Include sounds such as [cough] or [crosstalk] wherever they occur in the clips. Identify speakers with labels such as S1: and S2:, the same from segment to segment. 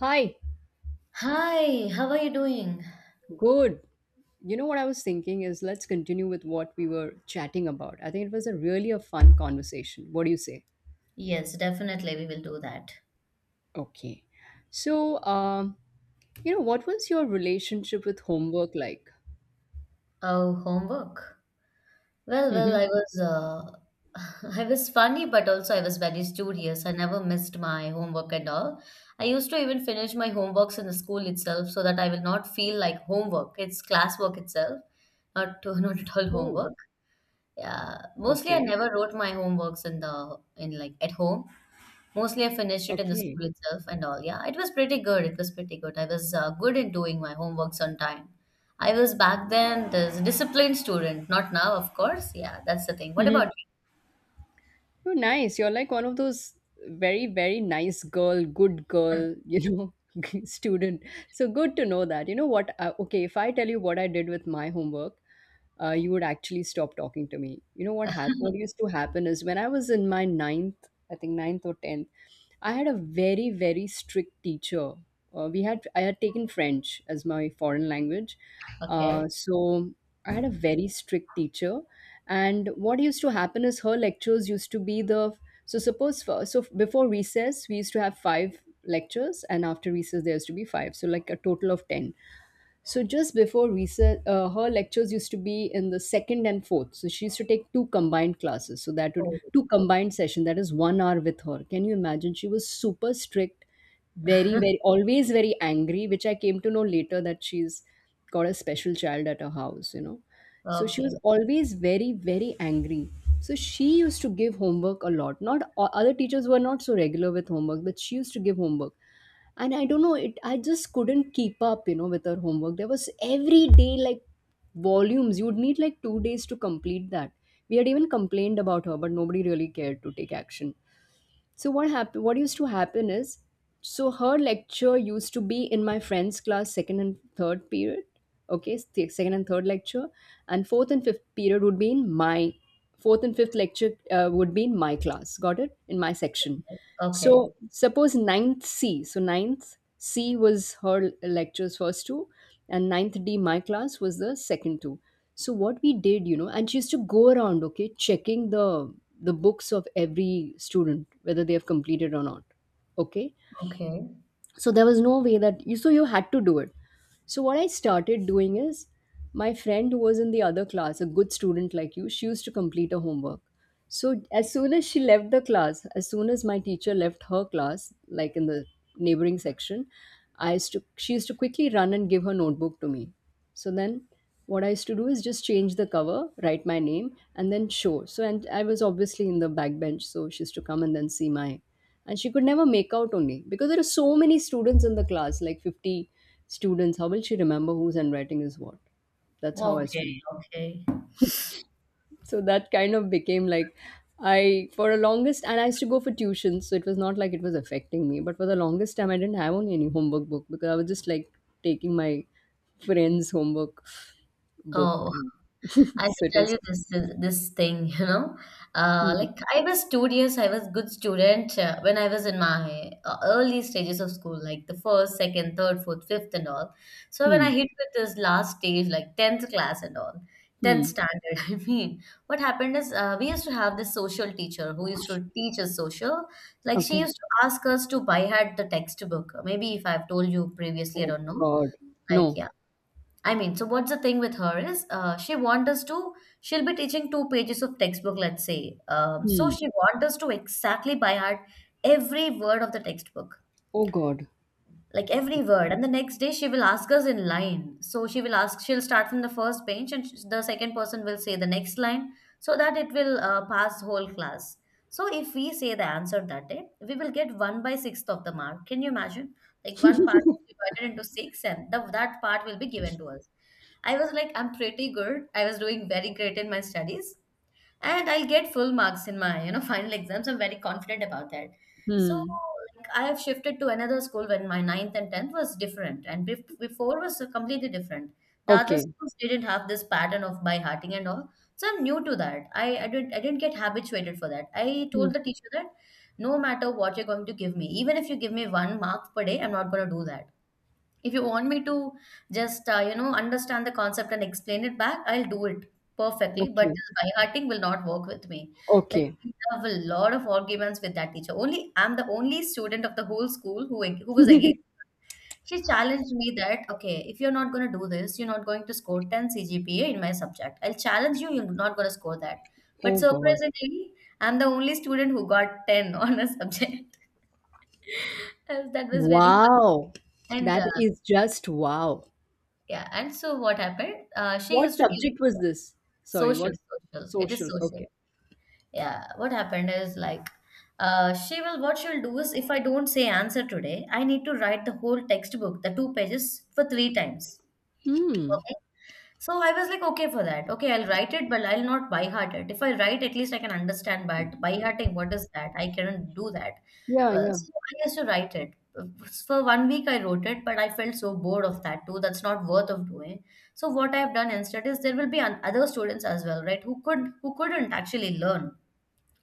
S1: Hi,
S2: Hi, how are you doing?
S1: good. You know what I was thinking is let's continue with what we were chatting about. I think it was a really a fun conversation. What do you say?
S2: Yes, definitely we will do that.
S1: Okay. So, um, you know, what was your relationship with homework like?
S2: Oh, homework. Well,
S1: hmm
S2: I was [laughs] I was funny, but also I was very studious. I never missed my homework at all. I used to even finish my homeworks in the school itself so that I will not feel like homework. It's classwork itself, not [laughs] not at all
S1: Oh,
S2: homework. Yeah, mostly I
S1: okay.
S2: never wrote my homeworks in the in like at home. Mostly, I finished it in the
S1: Okay.
S2: school itself and all. Yeah, it was pretty good. It was pretty good. I was good in doing my homeworks on time. I was back then this disciplined student. Not now, of course. Yeah, that's the thing. What about
S1: hmm
S2: you?
S1: You're nice. You're like one of those very, very nice girl, good girl, you know, [laughs] student. So good to know that. You know what? Okay, if I tell you what I did with my homework, you would actually stop talking to me. You know what happened? What used to happen is when I was in my ninth, I think ninth or tenth, I had a very very strict teacher. We had I had taken French as my foreign language,
S2: Okay.
S1: so I had a very strict teacher. And what used to happen is her lectures used to be the so suppose so before recess we used to have 5 lectures, and after recess there used to be 5, so like a total of 10. So just before recess, her lectures used to be in the second and fourth. So she used to take 2 combined classes. So that would
S2: Oh,
S1: two
S2: okay.
S1: combined session. That is 1 hour with her. Can you imagine? She was super strict, very very always very angry, which I came to know later that she's got a special child at her house. You know, so she
S2: Okay.
S1: was always very very angry. So she used to give homework a lot. Not o- Other teachers were not so regular with homework, but she used to give homework, and I don't know, it I just couldn't keep up, you know, with her homework. There was every day like volumes. You would need like 2 days to complete that. We had even complained about her, but nobody really cared to take action. So what happened? What used to happen is, so her lecture used to be in my friend's class, second and third period. Second and third lecture, and fourth and fifth period would be in my fourth and fifth lecture would be in my class. Got it? In my section.
S2: Okay.
S1: So suppose ninth C. So ninth C was her lectures first two, and ninth D my class was the second two. So what we did, you know, and she used to go around, okay, checking the books of every student whether they have completed or not. Okay, so there was no way that you so you had to do it. So what I started doing is my friend, who was in the other class, a good student like you, she used to complete her homework. So as soon as she left the class, as soon as my teacher left her class, like in the neighboring section, I used to she used to quickly run and give her notebook to me. So then what I used to do is just change the cover, write my name, and then show. So and I was obviously in the back bench, so she used to come and then see my, and she could never make out only because there are so many students in the class like 50 students. How will she remember whose handwriting is what? That's how I
S2: Okay.
S1: studied.
S2: Okay.
S1: So that kind of became like, I for the longest, and I used to go for tuitions. So it was not like it was affecting me, but for the longest time I didn't have only any homework book because I was just like taking my friend's homework book.
S2: Oh.
S1: [laughs]
S2: I
S1: So
S2: should
S1: it
S2: tell
S1: was
S2: you this thing, [laughs] you know.
S1: hmm,
S2: Like I was studious, I was good student when I was in my early stages of school, like the first, second, third, fourth, fifth, and all. So when I
S1: hmm,
S2: hit with this last stage, like tenth class and all, tenth
S1: hmm.
S2: standard, [laughs] I mean, what happened is we used to have this social teacher who used to teach us social. Like she
S1: Okay.
S2: used to ask us to buy her the textbook. Maybe if I've told you previously, I
S1: oh
S2: don't know.
S1: god No.
S2: Like yeah, I mean, so what's the thing with her is she wants us to, she'll be teaching two pages of textbook, let's say. So
S1: hmm.
S2: she wants us to exactly by heart every word of the textbook,
S1: Oh god.
S2: like every word. And the next day she will ask us in line, so she will ask she'll start from the first page and the second person will say the next line, so that it will pass whole class. So if we say the answer that day, we will get 1 by 6th of the mark. Can you imagine? Like one part is divided into six, and that part will be given to us. I was like, I'm pretty good, I was doing very great in my studies, and I'll get full marks in my, you know, [laughs] final exams. I'm very confident about that. So
S1: hmm.
S2: like I have shifted to another school when my ninth and tenth was different, and before was completely different. The other
S1: Okay.
S2: schools didn't have this pattern of by hearting and all, so I'm new to that. I didn't, I didn't get habituated for that. I
S1: Hmm.
S2: told the teacher that no matter what you're going to give me, even if you give me one mark per day, I'm not going to do that. If you want me to just, you know, understand the concept and explain it back, I'll do it perfectly. But
S1: Okay.
S2: just by hearting will not work with me. Like
S1: Okay.
S2: we have a lot of arguments with that teacher. Only I'm the only student of the whole school who was against.
S1: [laughs]
S2: She challenged me that okay, if you're not going to do this, you're not going to score 10 CGPA in my subject. I'll challenge you. You're not going to score that. But
S1: Oh God.
S2: surprisingly, I'm the only student who got 10 [laughs] on a subject. [laughs] That was very fun.
S1: Wow.
S2: And
S1: That is just wow.
S2: yeah, and so what happened? She
S1: What
S2: used to give
S1: subject was this? Sorry,
S2: social,
S1: what?
S2: social. It is
S1: Social?
S2: social.
S1: Okay.
S2: Yeah, what happened is like, what she'll do is if I don't say answer today, I need to write the whole textbook, the two pages for three times.
S1: Hmm.
S2: Okay. So I was like, okay for that. Okay, I'll write it, but I'll not by heart it. If I write, at least I can understand. But by hearting, what is that? I cannot do that.
S1: Yeah,
S2: Well,
S1: yeah.
S2: so I used to write it. For 1 week, I wrote it, but I felt so bored of that too. That's not worth of doing. So what I have done instead is there will be other students as well, right? Who couldn't actually learn,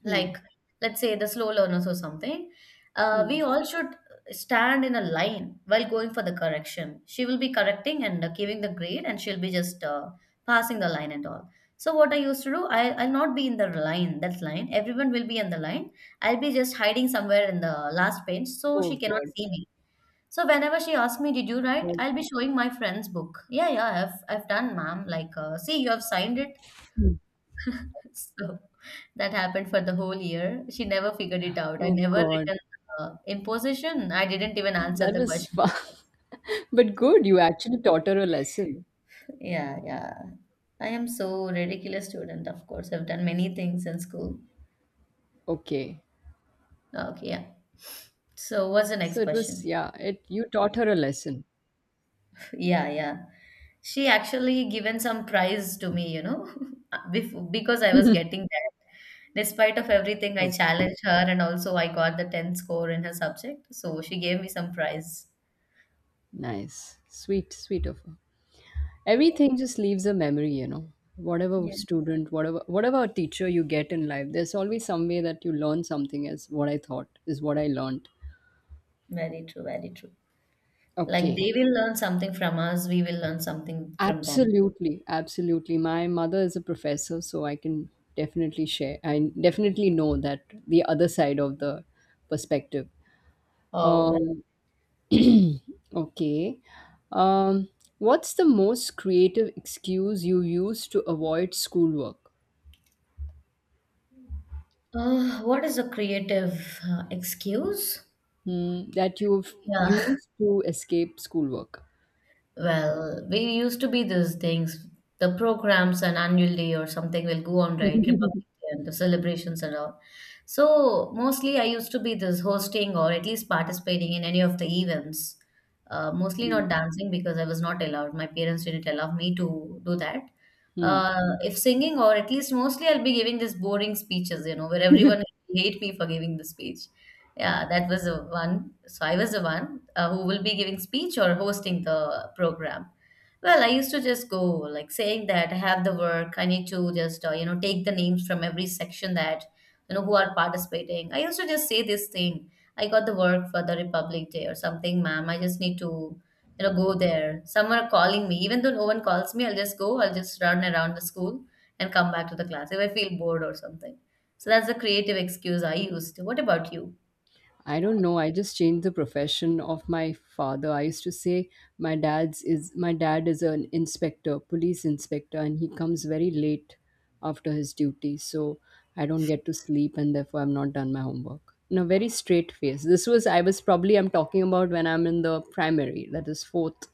S2: like
S1: Hmm.
S2: let's say the slow learners or something. Uh,
S1: Hmm.
S2: we all should stand in a line while going for the correction. She will be correcting and giving the grade, and she'll be just passing the line and all. So what I used to do, I'll not be in the line. That line Everyone will be in the line. I'll be just hiding somewhere in the last page so
S1: Oh
S2: she cannot
S1: God.
S2: see me. So whenever she asks me, did you write,
S1: That—
S2: I'll be showing my friend's book. Yeah, yeah, I've done, ma'am, like, see, you have signed it. So [laughs] that happened for the whole year. She never figured it out. I
S1: Oh
S2: never
S1: God.
S2: written imposition. I didn't even answer
S1: That
S2: the
S1: was
S2: question.
S1: fun. [laughs] But good. You actually taught her a lesson.
S2: Yeah, yeah. I am so ridiculous student, of course. I've done many things in school.
S1: Okay.
S2: Okay, yeah. So what's the
S1: So
S2: next
S1: it was,
S2: question? [laughs]
S1: yeah, it you taught her a lesson.
S2: Yeah, yeah. She actually given some prize to me, you know, [laughs] before, because I was getting that. Despite of everything, I
S1: Okay.
S2: challenged her and also I got the 10th score in her subject. So she gave me some prize.
S1: Nice. Sweet, sweet of her. Everything just leaves a memory, you know. Whatever
S2: Yes,
S1: student, whatever whatever teacher you get in life, there's always some way that you learn something. As what I thought is what I learned.
S2: very true, very true. Like
S1: Okay.
S2: they will learn something from us, we will learn something from them.
S1: Absolutely, absolutely. My mother is a professor, so I can definitely share, I definitely know that the other side of the perspective.
S2: Oh, that,
S1: um okay. um what's the most creative excuse you use to avoid schoolwork?
S2: what is a creative excuse?
S1: Hmm, that you've
S2: Yeah,
S1: used to escape schoolwork?
S2: [laughs] well, we used to be these things. The programs and annual day or something will go on, right? Republic
S1: [laughs]
S2: Day and the celebrations and all. So mostly I used to be this hosting or at least participating in any of the events. Mostly
S1: Mm,
S2: not dancing because I was not allowed. My parents didn't allow me to do that.
S1: hmm.
S2: If singing, or at least mostly, I'll be giving just boring speeches, you know, where everyone hate me for giving the speech. Yeah, that was the one. So I was the one who will be giving speech or hosting the program. Well, I used to just go like saying that I have the work. I need to just, you know, take the names from every section that, you know, who are participating. I used to just say this thing. I got the work for the Republic Day or something, ma'am. I just need to, you know, go there. Some are calling me even though no one calls me. I'll just go, I'll just run around the school and come back to the class if I feel bored or something. So that's the creative excuse I used. What about you?
S1: I don't know. I just changed the profession of my father. I used to say my dad is an inspector, police inspector, and he comes very late after his duty, so I don't get to sleep, and therefore I'm not done my homework. In a very straight face. This was I was probably, I'm talking about when I'm in the primary, that is fourth,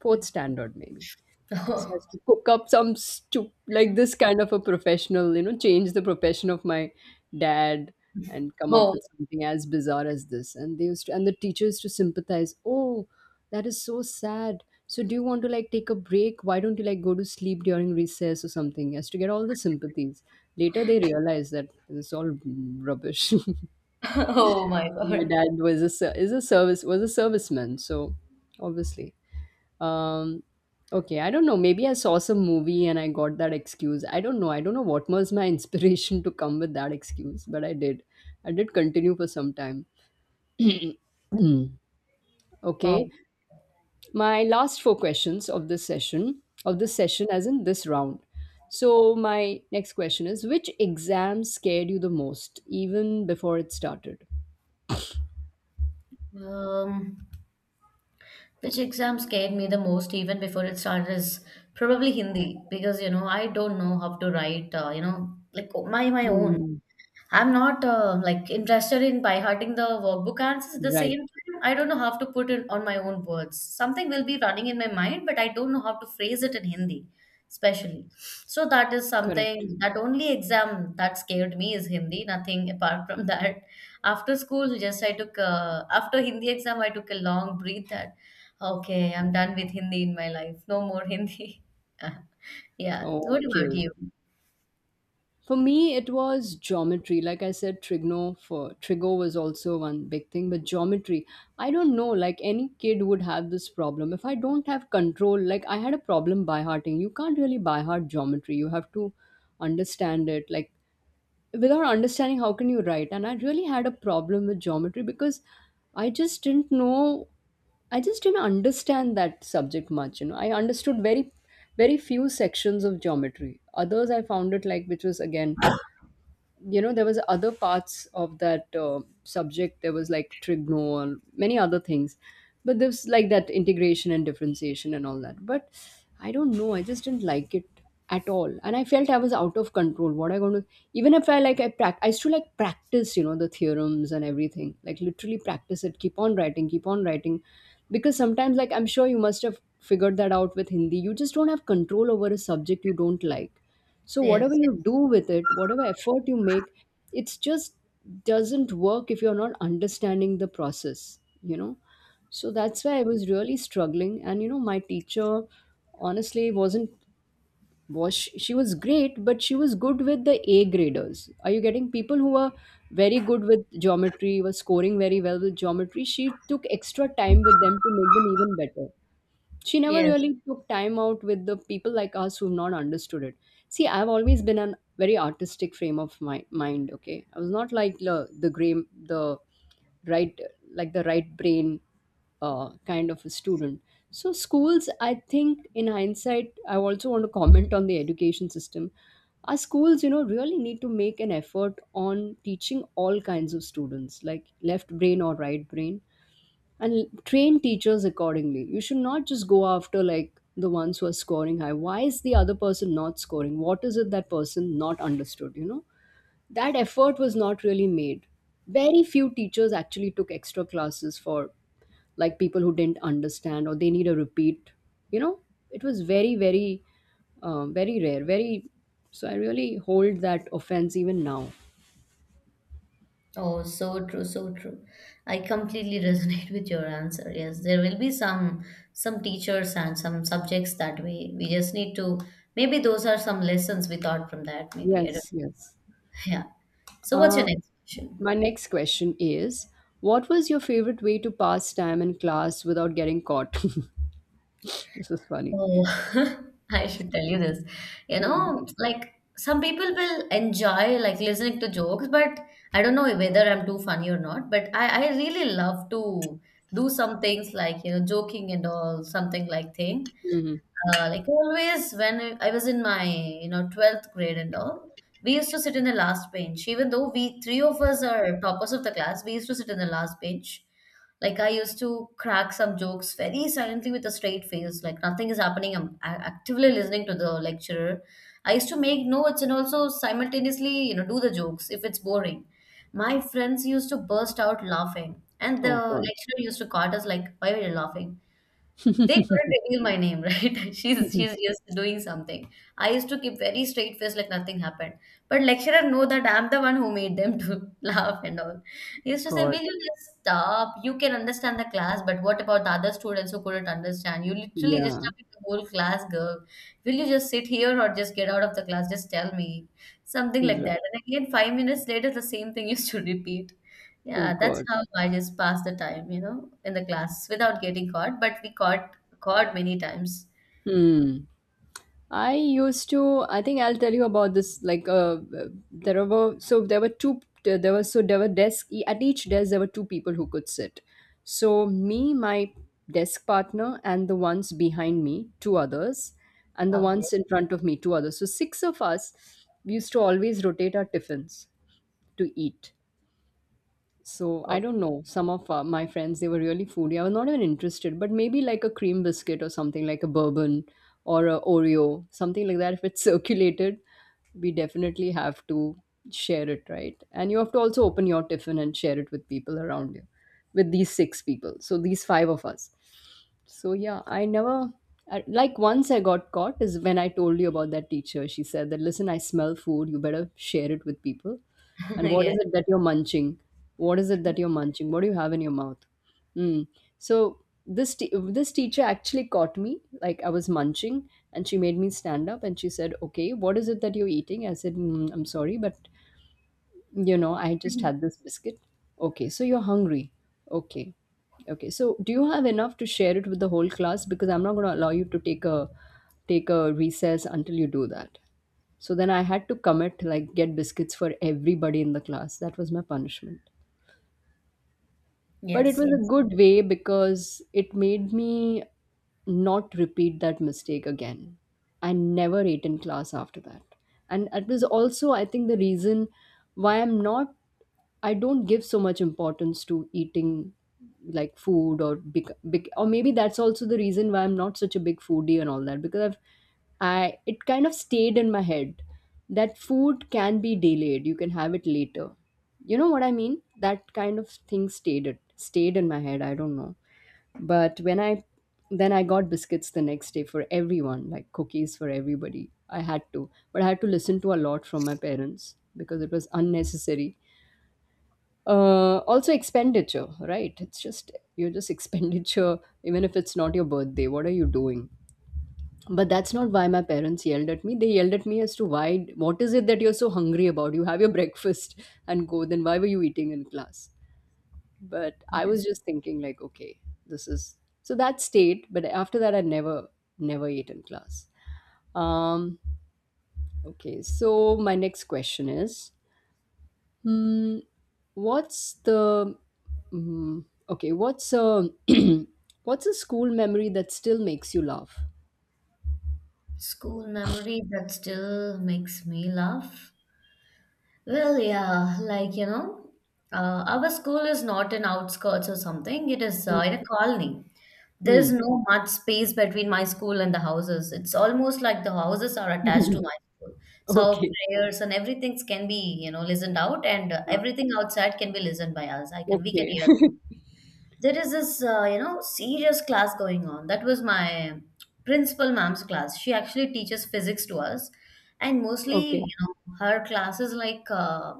S1: fourth standard maybe. Just
S2: [laughs] Oh.
S1: has to cook up some like this kind of a professional, you know, change the profession of my dad and come up
S2: Oh.
S1: with something as bizarre as this. And they used to, and the teacher used to sympathize. Oh, that is so sad. So do you want to like take a break? Why don't you like go to sleep during recess or something? As to get all the sympathies. Later they realize that it's all rubbish. [laughs] My
S2: [laughs] Oh my god.
S1: dad was a ser- is a service was a serviceman, so obviously um, okay, I don't know. Maybe I saw some movie and I got that excuse. I don't know. I don't know what was my [laughs] inspiration to come with that excuse, but I did. I did continue for some time. [clears throat] Hmm.
S2: Oh.
S1: Okay, my last four questions of this session, as in this round. So, my next question is: which exam scared you the most, even before it started?
S2: Um, which exam scared me the most even before it started is probably Hindi, because, you know, I don't know how to write, you know, like my own.
S1: Hmm.
S2: I'm not like interested in by hearting the workbook answers. At the
S1: Right,
S2: same time, I don't know how to put it on my own words. Something will be running in my mind, but I don't know how to phrase it in Hindi, especially. So that is
S1: correct.
S2: something, that only exam that scared me is Hindi. Nothing apart from [laughs] that. After school, just I took after Hindi exam, I took a long breath that okay, I'm done with Hindi in my life. No more Hindi. [laughs] Yeah. What about
S1: Okay.
S2: you?
S1: For me, it was geometry. Like I said, trigno for trigo was also one big thing, but geometry. I don't know. Like any kid would have this problem. If I don't have control, like I had a problem by hearting. You can't really by heart geometry. You have to understand it. Like without understanding, how can you write? And I really had a problem with geometry because I just didn't know I just didn't understand that subject much. You know, I understood very, very few sections of geometry. Others I found it like, which was again, you know, there was other parts of that subject. There was like trigno and many other things, but there's like that integration and differentiation and all that. But I don't know, I just didn't like it at all, and I felt I was out of control what I going to. Even if I used to like practice, you know, the theorems and everything, like literally practice it, keep on writing, keep on writing. Because sometimes, like I'm sure you must have figured that out with Hindi, you just don't have control over a subject you don't like. So whatever
S2: Yes.
S1: you do with it, whatever effort you make, it's just doesn't work if you're not understanding the process, you know. So that's why I was really struggling. And you know, my teacher honestly wasn't was she was great, but she was good with the A graders. Are you getting people who were very good with geometry, were scoring very well with geometry? She took extra time with them to make them even better. She never
S2: Yes.
S1: really took time out with the people like us who've not understood it. See, I've always been a very artistic frame of my mind. Okay, I was not like the gray, the right, like the right brain kind of a student. So schools, I think in hindsight, I also want to comment on the education system. Our schools, you know, really need to make an effort on teaching all kinds of students, like left brain or right brain, and train teachers accordingly. You should not just go after like the ones who are scoring high. Why is the other person not scoring? What is it that person not understood? You know, that effort was not really made. Very few teachers actually took extra classes for like people who didn't understand or they need a repeat. You know, it was very, very, very rare. Very, so I really hold that offense even now.
S2: Oh, so true, so true. I completely [laughs] resonate with your answer. Yes, there will be some teachers and some subjects that we just need to, maybe those are some lessons we thought from that. Maybe I don't.
S1: Yes, yes.
S2: [laughs] Yeah. So what's your
S1: Uh,
S2: next question?
S1: my next question is: what was your favorite way to pass time in class without getting caught? [laughs] This is funny.
S2: Oh, [laughs] I should tell you this. You
S1: Mm-hmm.
S2: know, like some people will enjoy like listening to jokes, but I don't know whether I'm too funny or not. But I really love to do some things like, you know, joking and all, something like thing. Like always, when I was in my, you know, 12th grade and all, we used to sit in the last bench. Even though we three of us are toppers of the class, we used to sit in the last bench. Like I used to crack some jokes very silently with a straight face, like nothing is happening. I'm actively listening to the lecturer. I used to make notes and also simultaneously, you know, do the jokes if it's boring. My friends used to burst out laughing, and the
S1: Oh, God.
S2: lecturer used to caught us like, "Why were you laughing?" They couldn't reveal my name, right? [laughs] She's
S1: [laughs]
S2: she's just doing something. I used to keep very straight face like nothing happened. But lecturer know that I'm the one who made them to [laughs] laugh and all. He used to say,
S1: God.
S2: will you just stop? You can understand the class, but what about the other students who couldn't understand? You literally
S1: Yeah.
S2: disturbing the whole class, girl. Will you just sit here or just get out of the class? Just tell me. Something
S1: That's
S2: like
S1: right.
S2: that. And again, 5 minutes later, the same thing [laughs] used to repeat.
S1: Oh,
S2: Yeah, that's
S1: God.
S2: how I just pass the time, you know, in the class without getting caught. But we caught God, many times.
S1: Hmm. I used to. I think I'll tell you about this. Like, there were so there were two. There was so there were desk at each desk. There were two people who could sit. So me, my desk partner, and the ones behind me, two others, and the
S2: Okay.
S1: ones in front of me, two others. So six of us we used to always rotate our tiffins to eat. So I don't know. Some of my friends, they were really foodie. I was not even interested, but maybe like a cream biscuit or something, like a bourbon or a Oreo, something like that. If it's [laughs] circulated, we definitely have to share it, right? And you have to also open your tiffin and share it with people around you, with these six people. So these five of us. So yeah, I never I, like, once I got caught is when I told you about that teacher. She said that, listen, I smell food. You better share it with people. And what is
S2: Okay.
S1: it that you're munching? What do you have in your mouth? Mm. So this teacher actually caught me, like, I was munching and she made me stand up and she said, okay, what is it that you're eating? I said, I'm sorry, but you know, I just had
S2: [laughs]
S1: this biscuit. Okay, so you're hungry. Okay. Okay, so do you have enough to share it with the whole class, because I'm not going to allow you to take a recess until you do that. So then I had to commit, like, get biscuits for everybody in the class. That was my punishment. But it
S2: Yes. Yes,
S1: was a
S2: yes,
S1: good way because it made me not repeat that mistake again. I never ate in class after that. And it was also, I think, the reason why I don't give so much importance to eating, like food, or big, big, or maybe that's also the reason why I'm not such a big foodie and all that, because it kind of stayed in my head that food can be delayed. You can have it later, you know what I mean? That kind of thing stayed, it stayed in my head, I don't know. But when I got biscuits the next day for everyone, like cookies for everybody. I had to, but I had to listen to a lot from my parents because it was unnecessary, also expenditure. Right, it's just, you're just [laughs] expenditure, even if it's not your birthday. What are you doing? But that's not why my parents yelled at me. They yelled at me as to why, what is it that you're so hungry about, you have your breakfast and go, then why were you eating in class? But I was
S2: yes.
S1: just thinking, like, okay, this is, so that stayed. But after that I never ate in class. um okay, so my next question is, hmm, what's the, hmm, okay, what's a [clears throat] what's a school memory that still makes you laugh?
S2: School memory that still makes me laugh. Well, yeah, like, you know, our school is not in outskirts or something. It is in a colony. There is
S1: Hmm.
S2: no much space between my school and the houses. It's almost like the houses are attached to my
S1: [laughs]
S2: school. So our
S1: Okay.
S2: prayers and everything can be, you know, listened out, and
S1: Uh,
S2: everything outside can be listened by us. I can, we can
S1: okay.
S2: hear. There is this you know, serious class going on. That was my principal ma'am's class. She actually teaches physics to us, and
S1: [laughs]
S2: mostly,
S1: Okay.
S2: you know, her classes like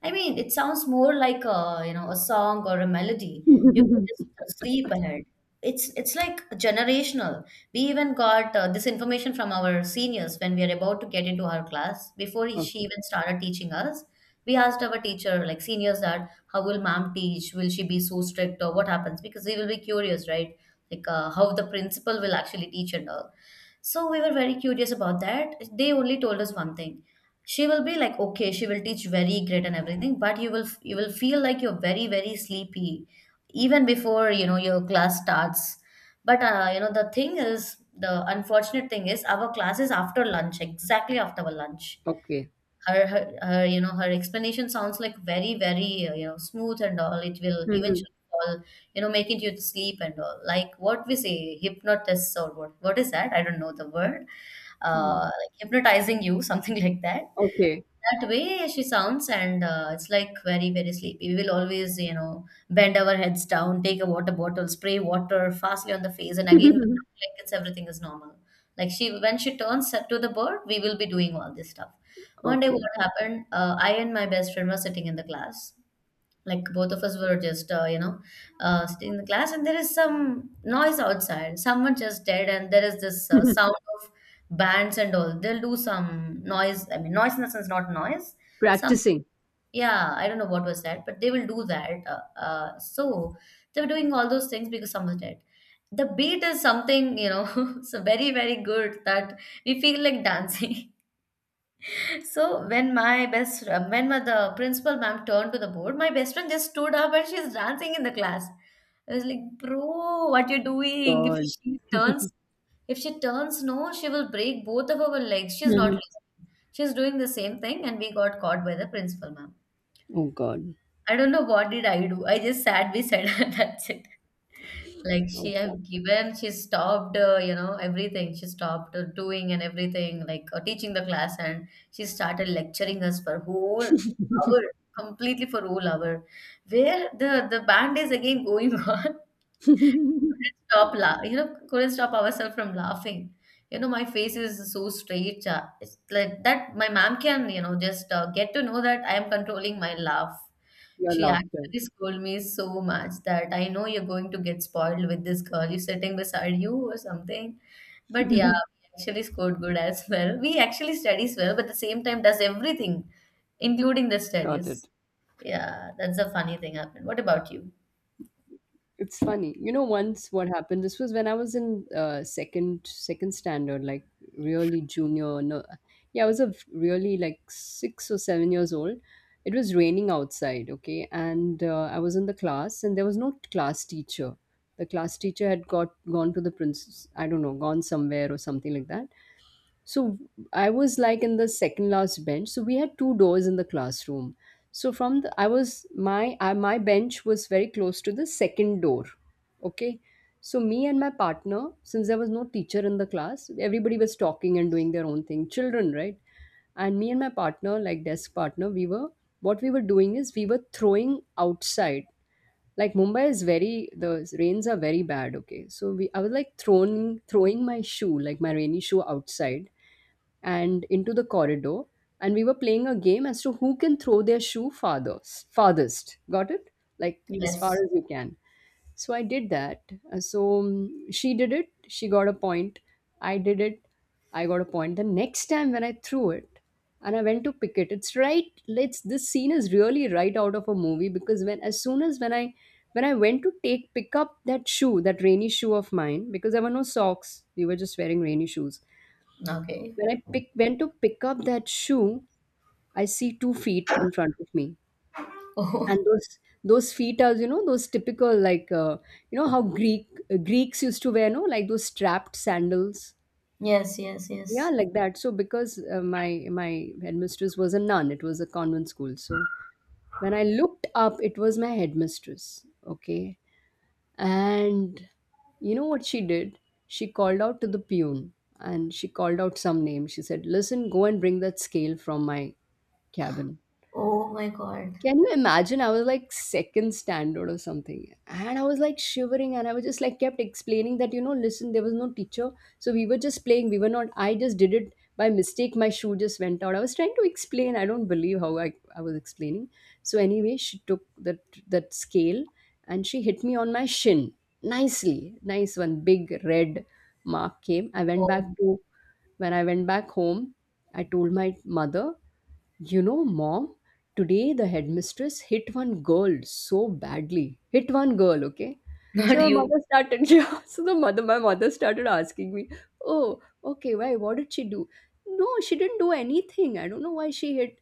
S2: I mean, it sounds more like a, you know, a song or a melody. You can just
S1: [laughs]
S2: sleep ahead. It's like generational. We even got this information from our seniors when we are about to get into our class. Before she
S1: Okay,
S2: even started teaching us, we asked our teacher, like seniors, that how will ma'am teach? Will she be so strict or what happens? Because we will be curious, right? Like how the principal will actually teach and all. So we were very curious about that. They only told us one thing: she will be like, okay, she will teach very great and everything, but you will feel like you're very, very sleepy even before, you know, your class starts. But you know, the thing is, the unfortunate thing is, our class is after lunch, exactly after our lunch.
S1: okay.
S2: Her you know, her explanation sounds like very, very you know, smooth and all. It will
S1: Mhm.
S2: eventually all, you know, making you to sleep and all, like what we say, hypnotist or what is that? I don't know the word.
S1: Mhm.
S2: Like hypnotizing you, [laughs] something like that.
S1: Okay.
S2: That way she sounds, and it's like very, very sleepy. We will always, you know, bend our heads down, take a water bottle, spray water fastly on the face, and again,
S1: [laughs]
S2: like, it's, everything is normal. Like, she when she turns to the bird, we will be doing all this stuff. One day, what
S1: Okay.
S2: happened? I and my best friend were sitting in the class. Like both of us were just, you know, sitting in the class, and there is some noise outside. Someone just dead, and there is this sound
S1: [laughs]
S2: of bands and all. They'll do some noise. I mean, noise in the sense, not noise. Some,
S1: Practicing.
S2: yeah, I don't know what was that, but they will do that. So they were doing all those things because someone's dead. The beat is something, you know, [laughs] so very, very good that we feel like dancing. [laughs] So when my best the principal ma'am turned to the board, my best friend just stood up and she's dancing in the class. I was like, bro, what you doing?
S1: God.
S2: If she turns no, she will break both of our legs. She's not
S1: Mhm.
S2: listening. She's doing the same thing, and we got caught by the principal ma'am.
S1: Oh, God.
S2: I don't know what did I do. I just sat beside her. [laughs] That's it. Like she
S1: Oh,
S2: have
S1: God.
S2: given, she stopped, you know, everything. She stopped doing and everything, like teaching the class, and she started lecturing us for whole hour, completely for whole hour, where the band is again going [laughs] on.
S1: [laughs]
S2: Couldn't stop you know, couldn't stop ourselves from laughing. You know, my face is so straight. It's like that. My mom can, you know, just get to know that I am controlling my laugh.
S1: Your
S2: She
S1: laughter.
S2: actually scolded me so much that, I know you're going to get spoiled with this girl. You're sitting beside you or something. But yeah,
S1: [laughs]
S2: we actually scored good as [laughs] well. We actually studies well, but at the same time does everything, including the
S1: Got
S2: studies.
S1: it.
S2: Yeah, that's a funny thing happened. What about you?
S1: It's funny. You know, once what happened, this was when I was in second standard, like really junior. No, yeah, I was a really, like, 6 or 7 years old. It was raining outside, okay, and I was in the class, and there was no class teacher. The class teacher had got gone to the prince, I don't know, gone somewhere or something like that. So I was, like, in the second last bench. So we had two doors in the classroom. So from the, I was my I, my bench was very close to the second door. Okay. So me and my partner, since there was no teacher in the class, everybody was talking and doing their own thing. Children, right? And me and my partner, like desk partner, we were, what we were doing is we were throwing outside. Like, Mumbai is very, the rains are very bad. Okay. So we I was, like, throwing my shoe, like my rainy shoe, outside and into the corridor, and we were playing a game as to who can throw their shoe farthest. Got it? Like, as far
S2: Yes.
S1: as you can. So I did that. She did it, she got a point. I did it, I got a point. The next time when I threw it and I went to pick it, it's right let's this scene is really right out of a movie, because when, as soon as when I went to take pick up that shoe, that rainy shoe of mine, because there were no socks, we were just wearing rainy shoes,
S2: Okay.
S1: when I pick went to pick up that shoe, I see two feet in front of me, and
S2: Oh,
S1: those feet are, you know, those typical, like, you know how Greek, Greeks used to wear, no, like those strapped sandals.
S2: [laughs] yes, yes,
S1: Yeah,
S2: yes.
S1: like that. So because my headmistress was a nun, it was a convent school. So when I looked up, it was my headmistress. Okay, and you know what she did? She called out to the peon, and she called out some name. She said, "Listen, go and bring that scale from my cabin."
S2: Oh my God.
S1: Can you imagine? I was, like, second standard or something. And I was, like, shivering and I was just, like, kept explaining that, you know, listen, there was no teacher. So we were just playing. We were not, I just did it by mistake. My shoe just went out. I was trying to explain. I don't believe how I was explaining. So anyway, she took that, that scale and she hit me on my shin nicely. Nice one. Big red mark came. I went
S2: Oh,
S1: back to, when I went back home, I told my mother, you know, mom, today the headmistress hit one girl so badly. Hit one girl, okay?
S2: [laughs] not
S1: So my
S2: you.
S1: mother started, [laughs] yeah, so my mother started asking me, oh, okay, why? What did she do? No, she didn't do anything. I don't know why she hit.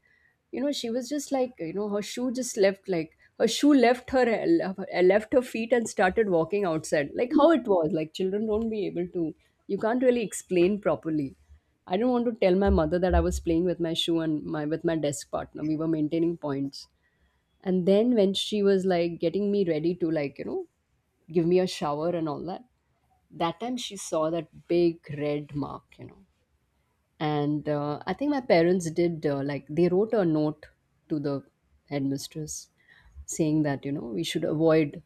S1: You know, she was just, like, you know, her shoe just left, like, her shoe left her feet and started walking outside. Like, how it was, like, children don't be able to, you can't really explain properly. I didn't want to tell my mother that I was playing with my shoe and my with my desk partner. We were maintaining points. And then when she was, like, getting me ready to, like, you know, give me a shower and all that, that time she saw that big red mark, you know. And I think my parents did, like, they wrote a note to the headmistress saying that, you know, we should avoid,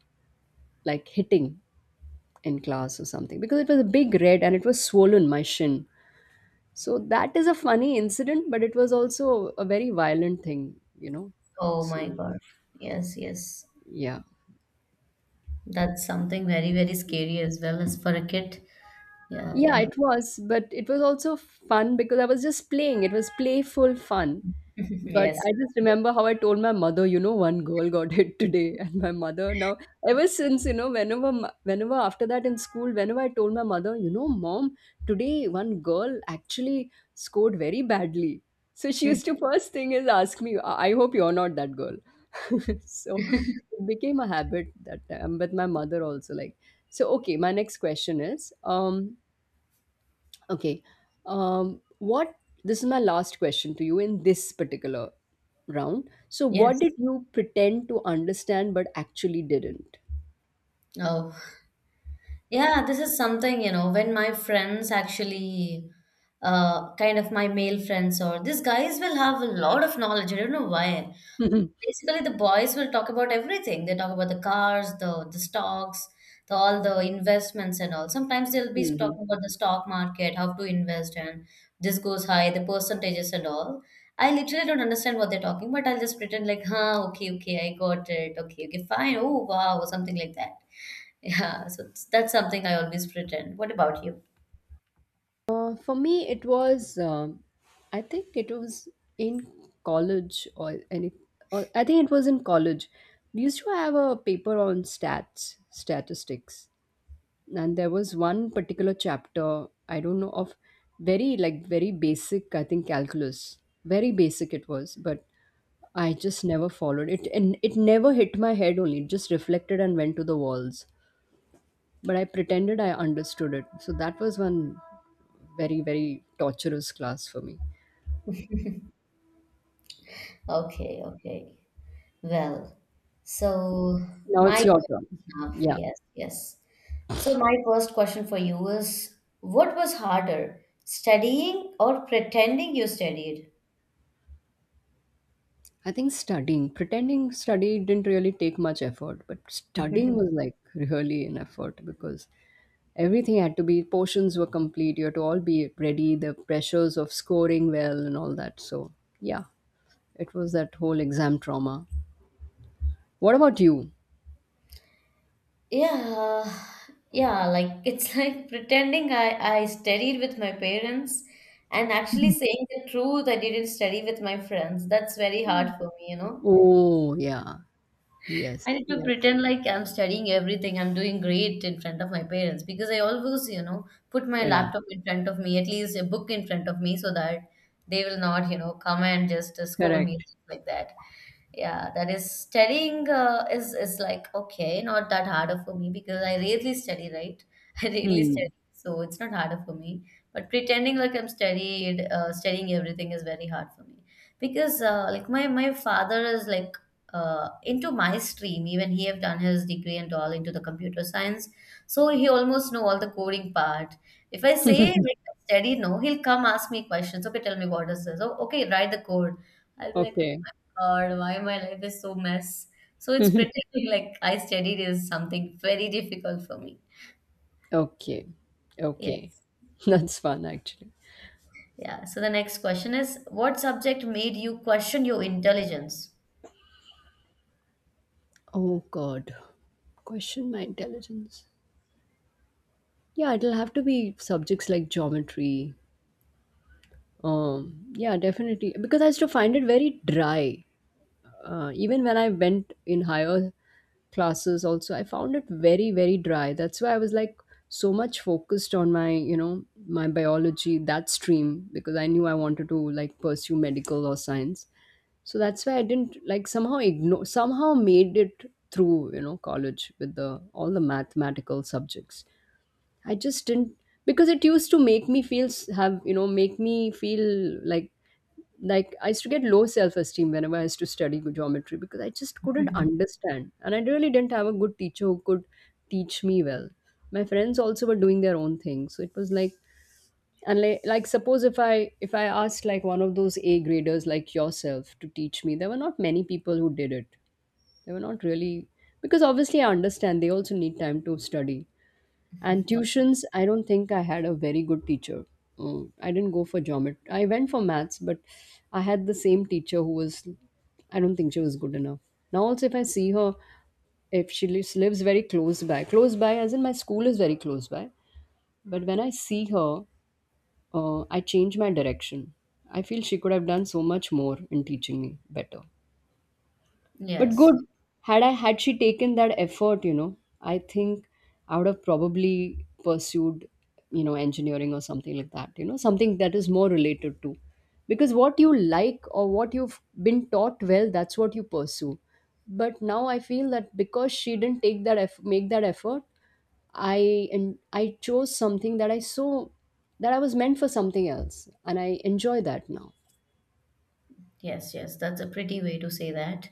S1: like, hitting in class or something, because it was a big red and it was swollen, my shin. So that is a funny incident, but it was also a very violent thing, you know.
S2: Oh
S1: So
S2: my God. Yes, yes.
S1: yeah.
S2: That's something very, very scary as well as for a kid. Yeah,
S1: Yeah,
S2: yeah.
S1: it was, but it was also fun because I was just playing. It was playful fun.
S2: [laughs]
S1: But
S2: Yes.
S1: I just remember how I told my mother, you know, one girl got hit today, [laughs] and my mother now, ever since, you know, whenever after that in school, whenever I told my mother, you know, mom, today one girl actually scored very badly. So she used
S2: Mhm.
S1: to, first thing is ask me, I hope you're not that girl. [laughs] So it became a habit that time with my mother also, like, so okay, my next question is, okay. What, this is my last question to you in this particular round. So, what did
S2: Yes.
S1: you pretend to understand but actually didn't?
S2: Oh, yeah, this is something, you know, when my friends actually, kind of my male friends or these guys will have a lot of knowledge. I don't know why.
S1: Mhm.
S2: Basically, the boys will talk about everything. They talk about the cars, the stocks, the, all the investments and all. Sometimes they'll be
S1: Mhm.
S2: talking about the stock market, how to invest, and this goes high, the percentages and all. I literally don't understand what they're talking, but I'll just pretend like, huh, okay, okay, I got it. Okay, okay, fine. Oh, wow, or something like that. [laughs] Yeah, so that's something I always pretend. What about you?
S1: For me, it was, I think it was in college or any, or I think it was in college. We used to have a paper on stats, statistics. And there was one particular chapter, I don't know, of very very basic, I think, calculus. Very basic it was, but I just never followed it, and it never hit my head only. It just reflected and went to the walls. But I pretended I understood it. So that was one very very torturous class for me.
S2: Okay, okay. Well, so
S1: Now it's
S2: my
S1: your turn.
S2: enough.
S1: Yeah,
S2: Yes, yes. So, my first question for you is, what was harder, studying or pretending you studied?
S1: I think studying. Pretending study didn't really take much effort, but studying was
S2: [laughs]
S1: like really an effort because everything had to be, portions were complete, you had to all be ready, the pressures of scoring well and all that. So yeah, it was that whole exam trauma. What about you?
S2: Yeah, yeah, like it's [laughs] like pretending I studied with my parents and actually saying the truth I didn't study with my friends. That's very hard for me, you know.
S1: Oh yeah. Yes,
S2: I need to
S1: yes.
S2: pretend like I'm studying everything. I'm doing great in front of my parents because I always, you know, put my
S1: Yeah.
S2: laptop in front of me, at least a book in front of me, so that they will not, you know, come and just scold me
S1: Correct.
S2: like that. Yeah, that is studying is like okay, not that harder for me because I rarely study, right? [laughs] I rarely study,
S1: hmm
S2: so it's not harder for me. But pretending like I'm studying everything is very hard for me because like my father is like into my stream. Even he have done his degree and all into the computer science, so he almost know all the coding part. If I say like I study, no, he'll come ask me questions. Okay, tell me what is this? Oh, okay, write the code. I'll be like, oh
S1: okay.
S2: my god, why my life is so mess. So it's
S1: [laughs]
S2: pretending like I studied is something very difficult for me.
S1: Okay, okay.
S2: Yes.
S1: [laughs] That's fun actually.
S2: Yeah. So the next question is, what subject made you question your intelligence?
S1: Oh god. Question my intelligence. Yeah, it'll have to be subjects like geometry. Yeah, definitely, because I used to find it very dry. Even when I went in higher classes also, I found it very very dry. That's why I was like so much focused on my, you know, my biology, that stream, because I knew I wanted to like pursue medical or science. So that's why I didn't like, somehow ignore, somehow made it through, you know, college with the all the mathematical subjects. I just didn't, because it used to make me feel have, you know, make me feel like I used to get low self esteem whenever I used to study geometry, because I just couldn't understand. And I really didn't have a good teacher who could teach me well. My friends also were doing their own thing. So it was like, like suppose if I asked like one of those A graders like yourself to teach me, there were not many people who did it. They were not really, because obviously I understand they also need time to study. And
S2: [laughs]
S1: tuitions, I don't think I had a very good teacher. Mm, I didn't go for geometry. I went for maths, but I had the same teacher who was, I don't think she was good enough. Now, also, if I see her, if she lives very close by, close by, as in my school is very close by, but when I see her, I change my direction. I feel she could have done so much more in teaching me better. But
S2: Yes.
S1: good, had she taken that effort, you know, I think I would have probably pursued, you know, engineering or something like that, you know, something that is more related to. Because what you like or what you've been taught well, that's what you pursue. But now I feel that because she didn't take that make that effort, I and I chose something that I saw, that I was meant for something else, and I enjoy that now.
S2: Yes, yes, that's a pretty way to say that.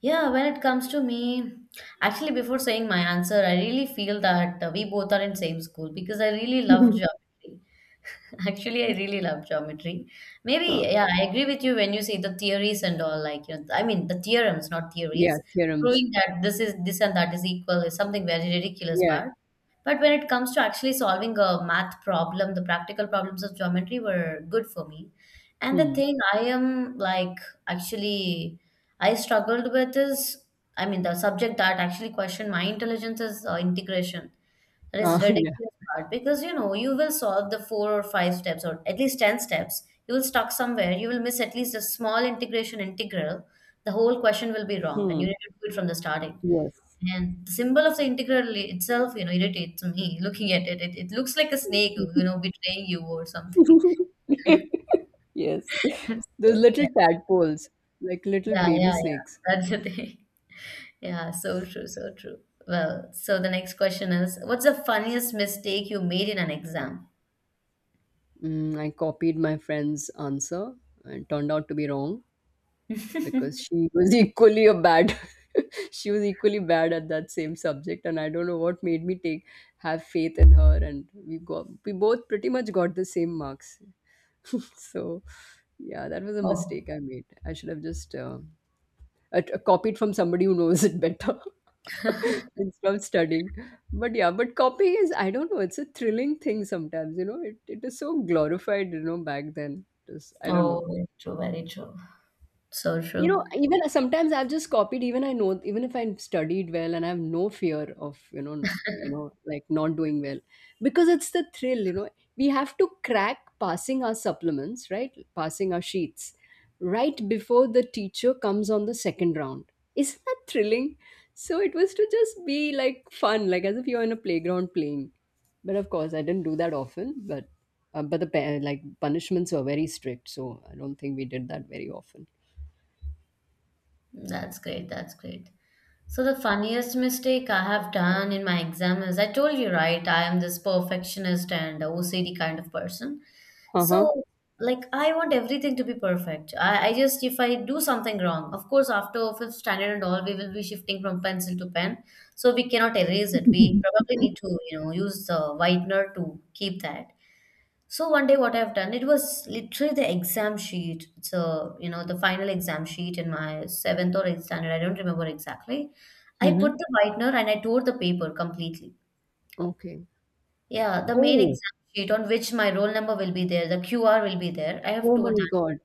S2: Yeah, when it comes to me, actually, before saying my answer, I really feel that we both are in same school because I really loved geography. [laughs] Actually, I really love geometry. Maybe,
S1: Uh,
S2: yeah, I agree with you when you say the theories and all, like, you know, I mean, the theorems, not
S1: yeah,
S2: theories,
S1: theorems.
S2: proving that this is this and that is equal is something very ridiculous
S1: Yeah.
S2: part. But when it comes to actually solving a math problem, the practical problems of geometry were good for me. And the
S1: Hmm.
S2: thing I am like actually I struggled with is, I mean, the subject that actually questioned my intelligence is integration. That is
S1: [laughs] Yeah.
S2: ridiculous part because you know you will solve the four or five steps or at least ten steps. You will stuck somewhere. You will miss at least a small integration integral. The whole question will be wrong,
S1: Hmm.
S2: and you need to do it from the starting.
S1: Yes.
S2: And the symbol of the integral itself, you know, irritates me. [laughs] Looking at it, it looks like a snake, you know, betraying you or something.
S1: [laughs] Yes.
S2: [laughs]
S1: Those
S2: So
S1: little
S2: yeah,
S1: tadpoles, like little
S2: yeah,
S1: baby
S2: yeah, yeah.
S1: snakes.
S2: That's the thing. [laughs] Yeah, so true, so true. Well, so the next question is, what's the funniest mistake you made in an exam?
S1: Mm, I copied my friend's answer and turned out to be wrong because she was [laughs] equally a bad. [laughs] She was equally bad at that same subject, and I don't know what made me take, have faith in her, and we both pretty much got the same marks. [laughs] So, yeah, that was a
S2: Oh.
S1: mistake I made. I should have just copy it from somebody who knows it better [laughs] instead of studying. But yeah, but copying is, I don't know, it's a thrilling thing sometimes, you know, it is so glorified, you know, back then. Just, I don't
S2: Oh,
S1: know.
S2: very true, very true. So
S1: You
S2: true.
S1: know, even sometimes I've just copied. Even I know, even if I studied well and I have no fear of, you know, like not doing well, because it's the thrill. You know, we have to crack passing our supplements, right? Passing our sheets, right before the teacher comes on the second round. Isn't that thrilling? So it was to just be like fun, like as if you're in a playground playing. But of course, I didn't do that often. But the like punishments were very strict, so I don't think we did that very often.
S2: That's great. That's great. So the funniest mistake I have done in my exam is, I told you, right? I am this perfectionist and OCD kind of person.
S1: Uh huh.
S2: So like I want everything to be perfect. I just if I do something wrong, of course after fifth standard and all, we will be shifting from pencil to pen. So we cannot erase it. We probably need to, you know, use the whitener to keep that. So one day what I've done, it was literally the exam sheet. So, you know, the final exam sheet in my seventh or eighth standard, I don't remember exactly. I put
S1: Mhm.
S2: the whitener and I tore the paper completely.
S1: Okay.
S2: Yeah, the main
S1: Oh,
S2: exam sheet on which my roll number will be there, the QR will be there. I have
S1: oh my
S2: told that.
S1: God,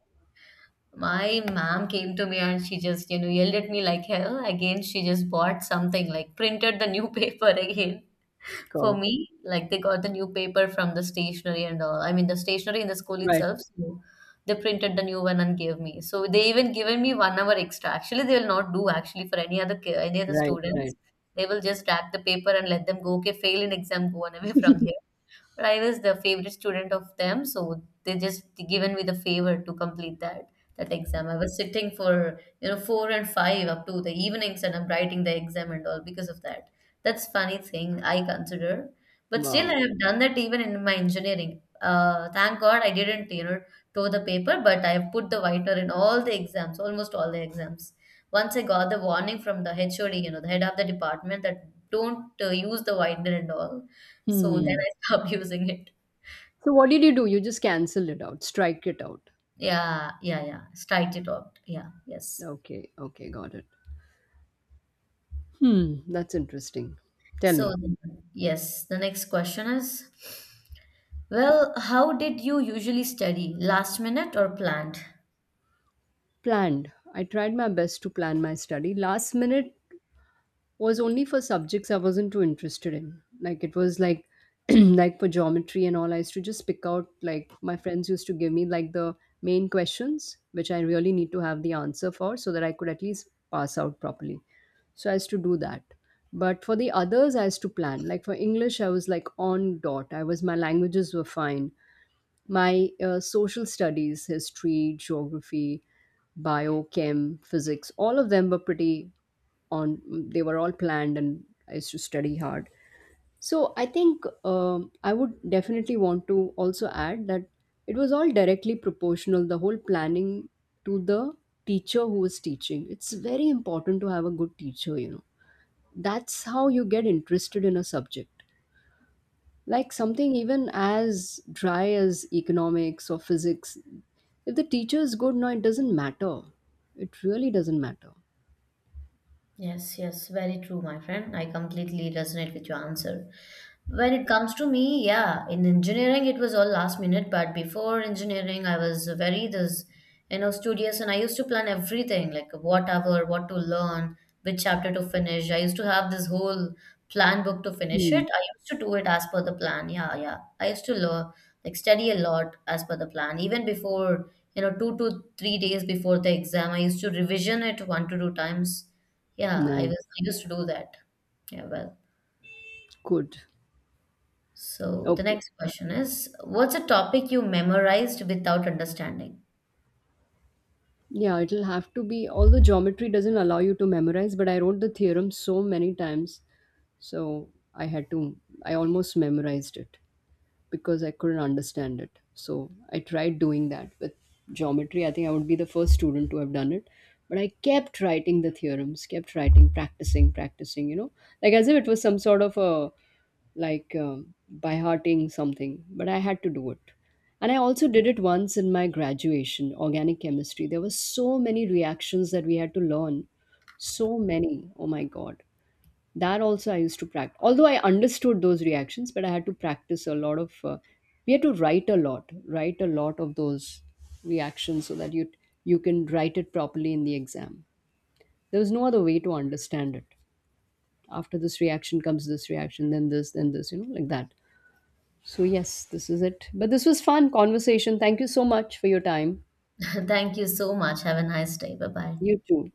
S2: My ma'am came to me and she just, you know, yelled at me like hell. Again, she just bought something, like printed the new [laughs] paper again. For
S1: God.
S2: me, like they got the new paper from the stationery and all. I mean, the stationery in the school
S1: Right,
S2: itself. So they printed the new one and gave me. So they even given me 1 hour extra. Actually, they will not do actually for any other any other
S1: right,
S2: students.
S1: right.
S2: They will just rack the paper and let them go. Okay, fail in exam, go on away from here. But I was the favorite student of them, so they just given me the favor to complete that that exam. I was sitting for you know four and five up to the evenings, and I'm writing the exam and all because of that. That's funny thing I consider, but still
S1: Wow.
S2: I have done that even in my engineering. Thank God I didn't you know tore the paper, but I have put the whiter in all the exams, almost all the exams. Once I got the warning from the HOD, you know, the head of the department, that don't use the whitener and all. So then
S1: Hmm.
S2: I stopped [laughs] using it.
S1: So what did you do? You just cancelled it out, strike it out.
S2: Yeah, yeah, yeah. Strike it out. Yeah, yes.
S1: Okay, okay, got it. Hmm, that's interesting. Tell
S2: So,
S1: me.
S2: yes, the next question is, well, how did you usually study? Last minute or planned?
S1: Planned. I tried my best to plan my study. Last minute was only for subjects I wasn't too interested in. Like it was like, [clears throat] like for geometry and all, I used to just pick out, like my friends used to give me like the main questions which I really need to have the answer for, so that I could at least pass out properly. So I used to do that. But for the others, I used to plan. Like for English, I was like on dot. I was, my languages were fine, my social studies, history, geography, biochem, physics, all of them were pretty on, they were all planned and I used to study hard. So I think I would definitely want to also add that it was all directly proportional, the whole planning to the teacher who was teaching. It's very important to have a good teacher, you know. That's how you get interested in a subject, like something even as dry as economics or physics. If the teacher is good, no, it doesn't matter. It really doesn't matter.
S2: Yes, yes, very true, my friend. I completely resonate with your answer. When it comes to me, yeah, in engineering it was all last minute, but before engineering I was very this, you know, studious and I used to plan everything, like what hour, what to learn, which chapter to finish. I used to have this whole plan book to finish
S1: Hmm.
S2: it. I used to do it as per the plan. Yeah, yeah. I used to learn, like study a lot as per the plan. Even before, you know, 2 to 3 days before the exam, I used to revision it one to two times. Yeah, I
S1: Nice.
S2: was, I used to do that. Yeah, well.
S1: Good.
S2: So the
S1: Okay,
S2: next question is, what's a topic you memorized without understanding?
S1: yeah, it'll have to be, although geometry doesn't allow you to memorize, but I wrote the theorem so many times. So I had to, I almost memorized it, because I couldn't understand it. So I tried doing that with geometry. I think I would be the first student to have done it. But I kept writing the theorems, kept writing, practicing, practicing, you know, like as if it was some sort of a like by hearting something. But I had to do it. And I also did it once in my graduation, organic chemistry. There were so many reactions that we had to learn. So many. Oh my God, that also I used to practice. Although I understood those reactions, but I had to practice a lot of we had to write a lot, write a lot of those reactions, so that you can write it properly in the exam. There was no other way to understand it. After this reaction comes this reaction, then this, then this, you know, like that. So yes, this is it, but this was fun conversation. Thank you so much for your time.
S2: [laughs] Thank you so much. Have a nice day. Bye bye.
S1: You too.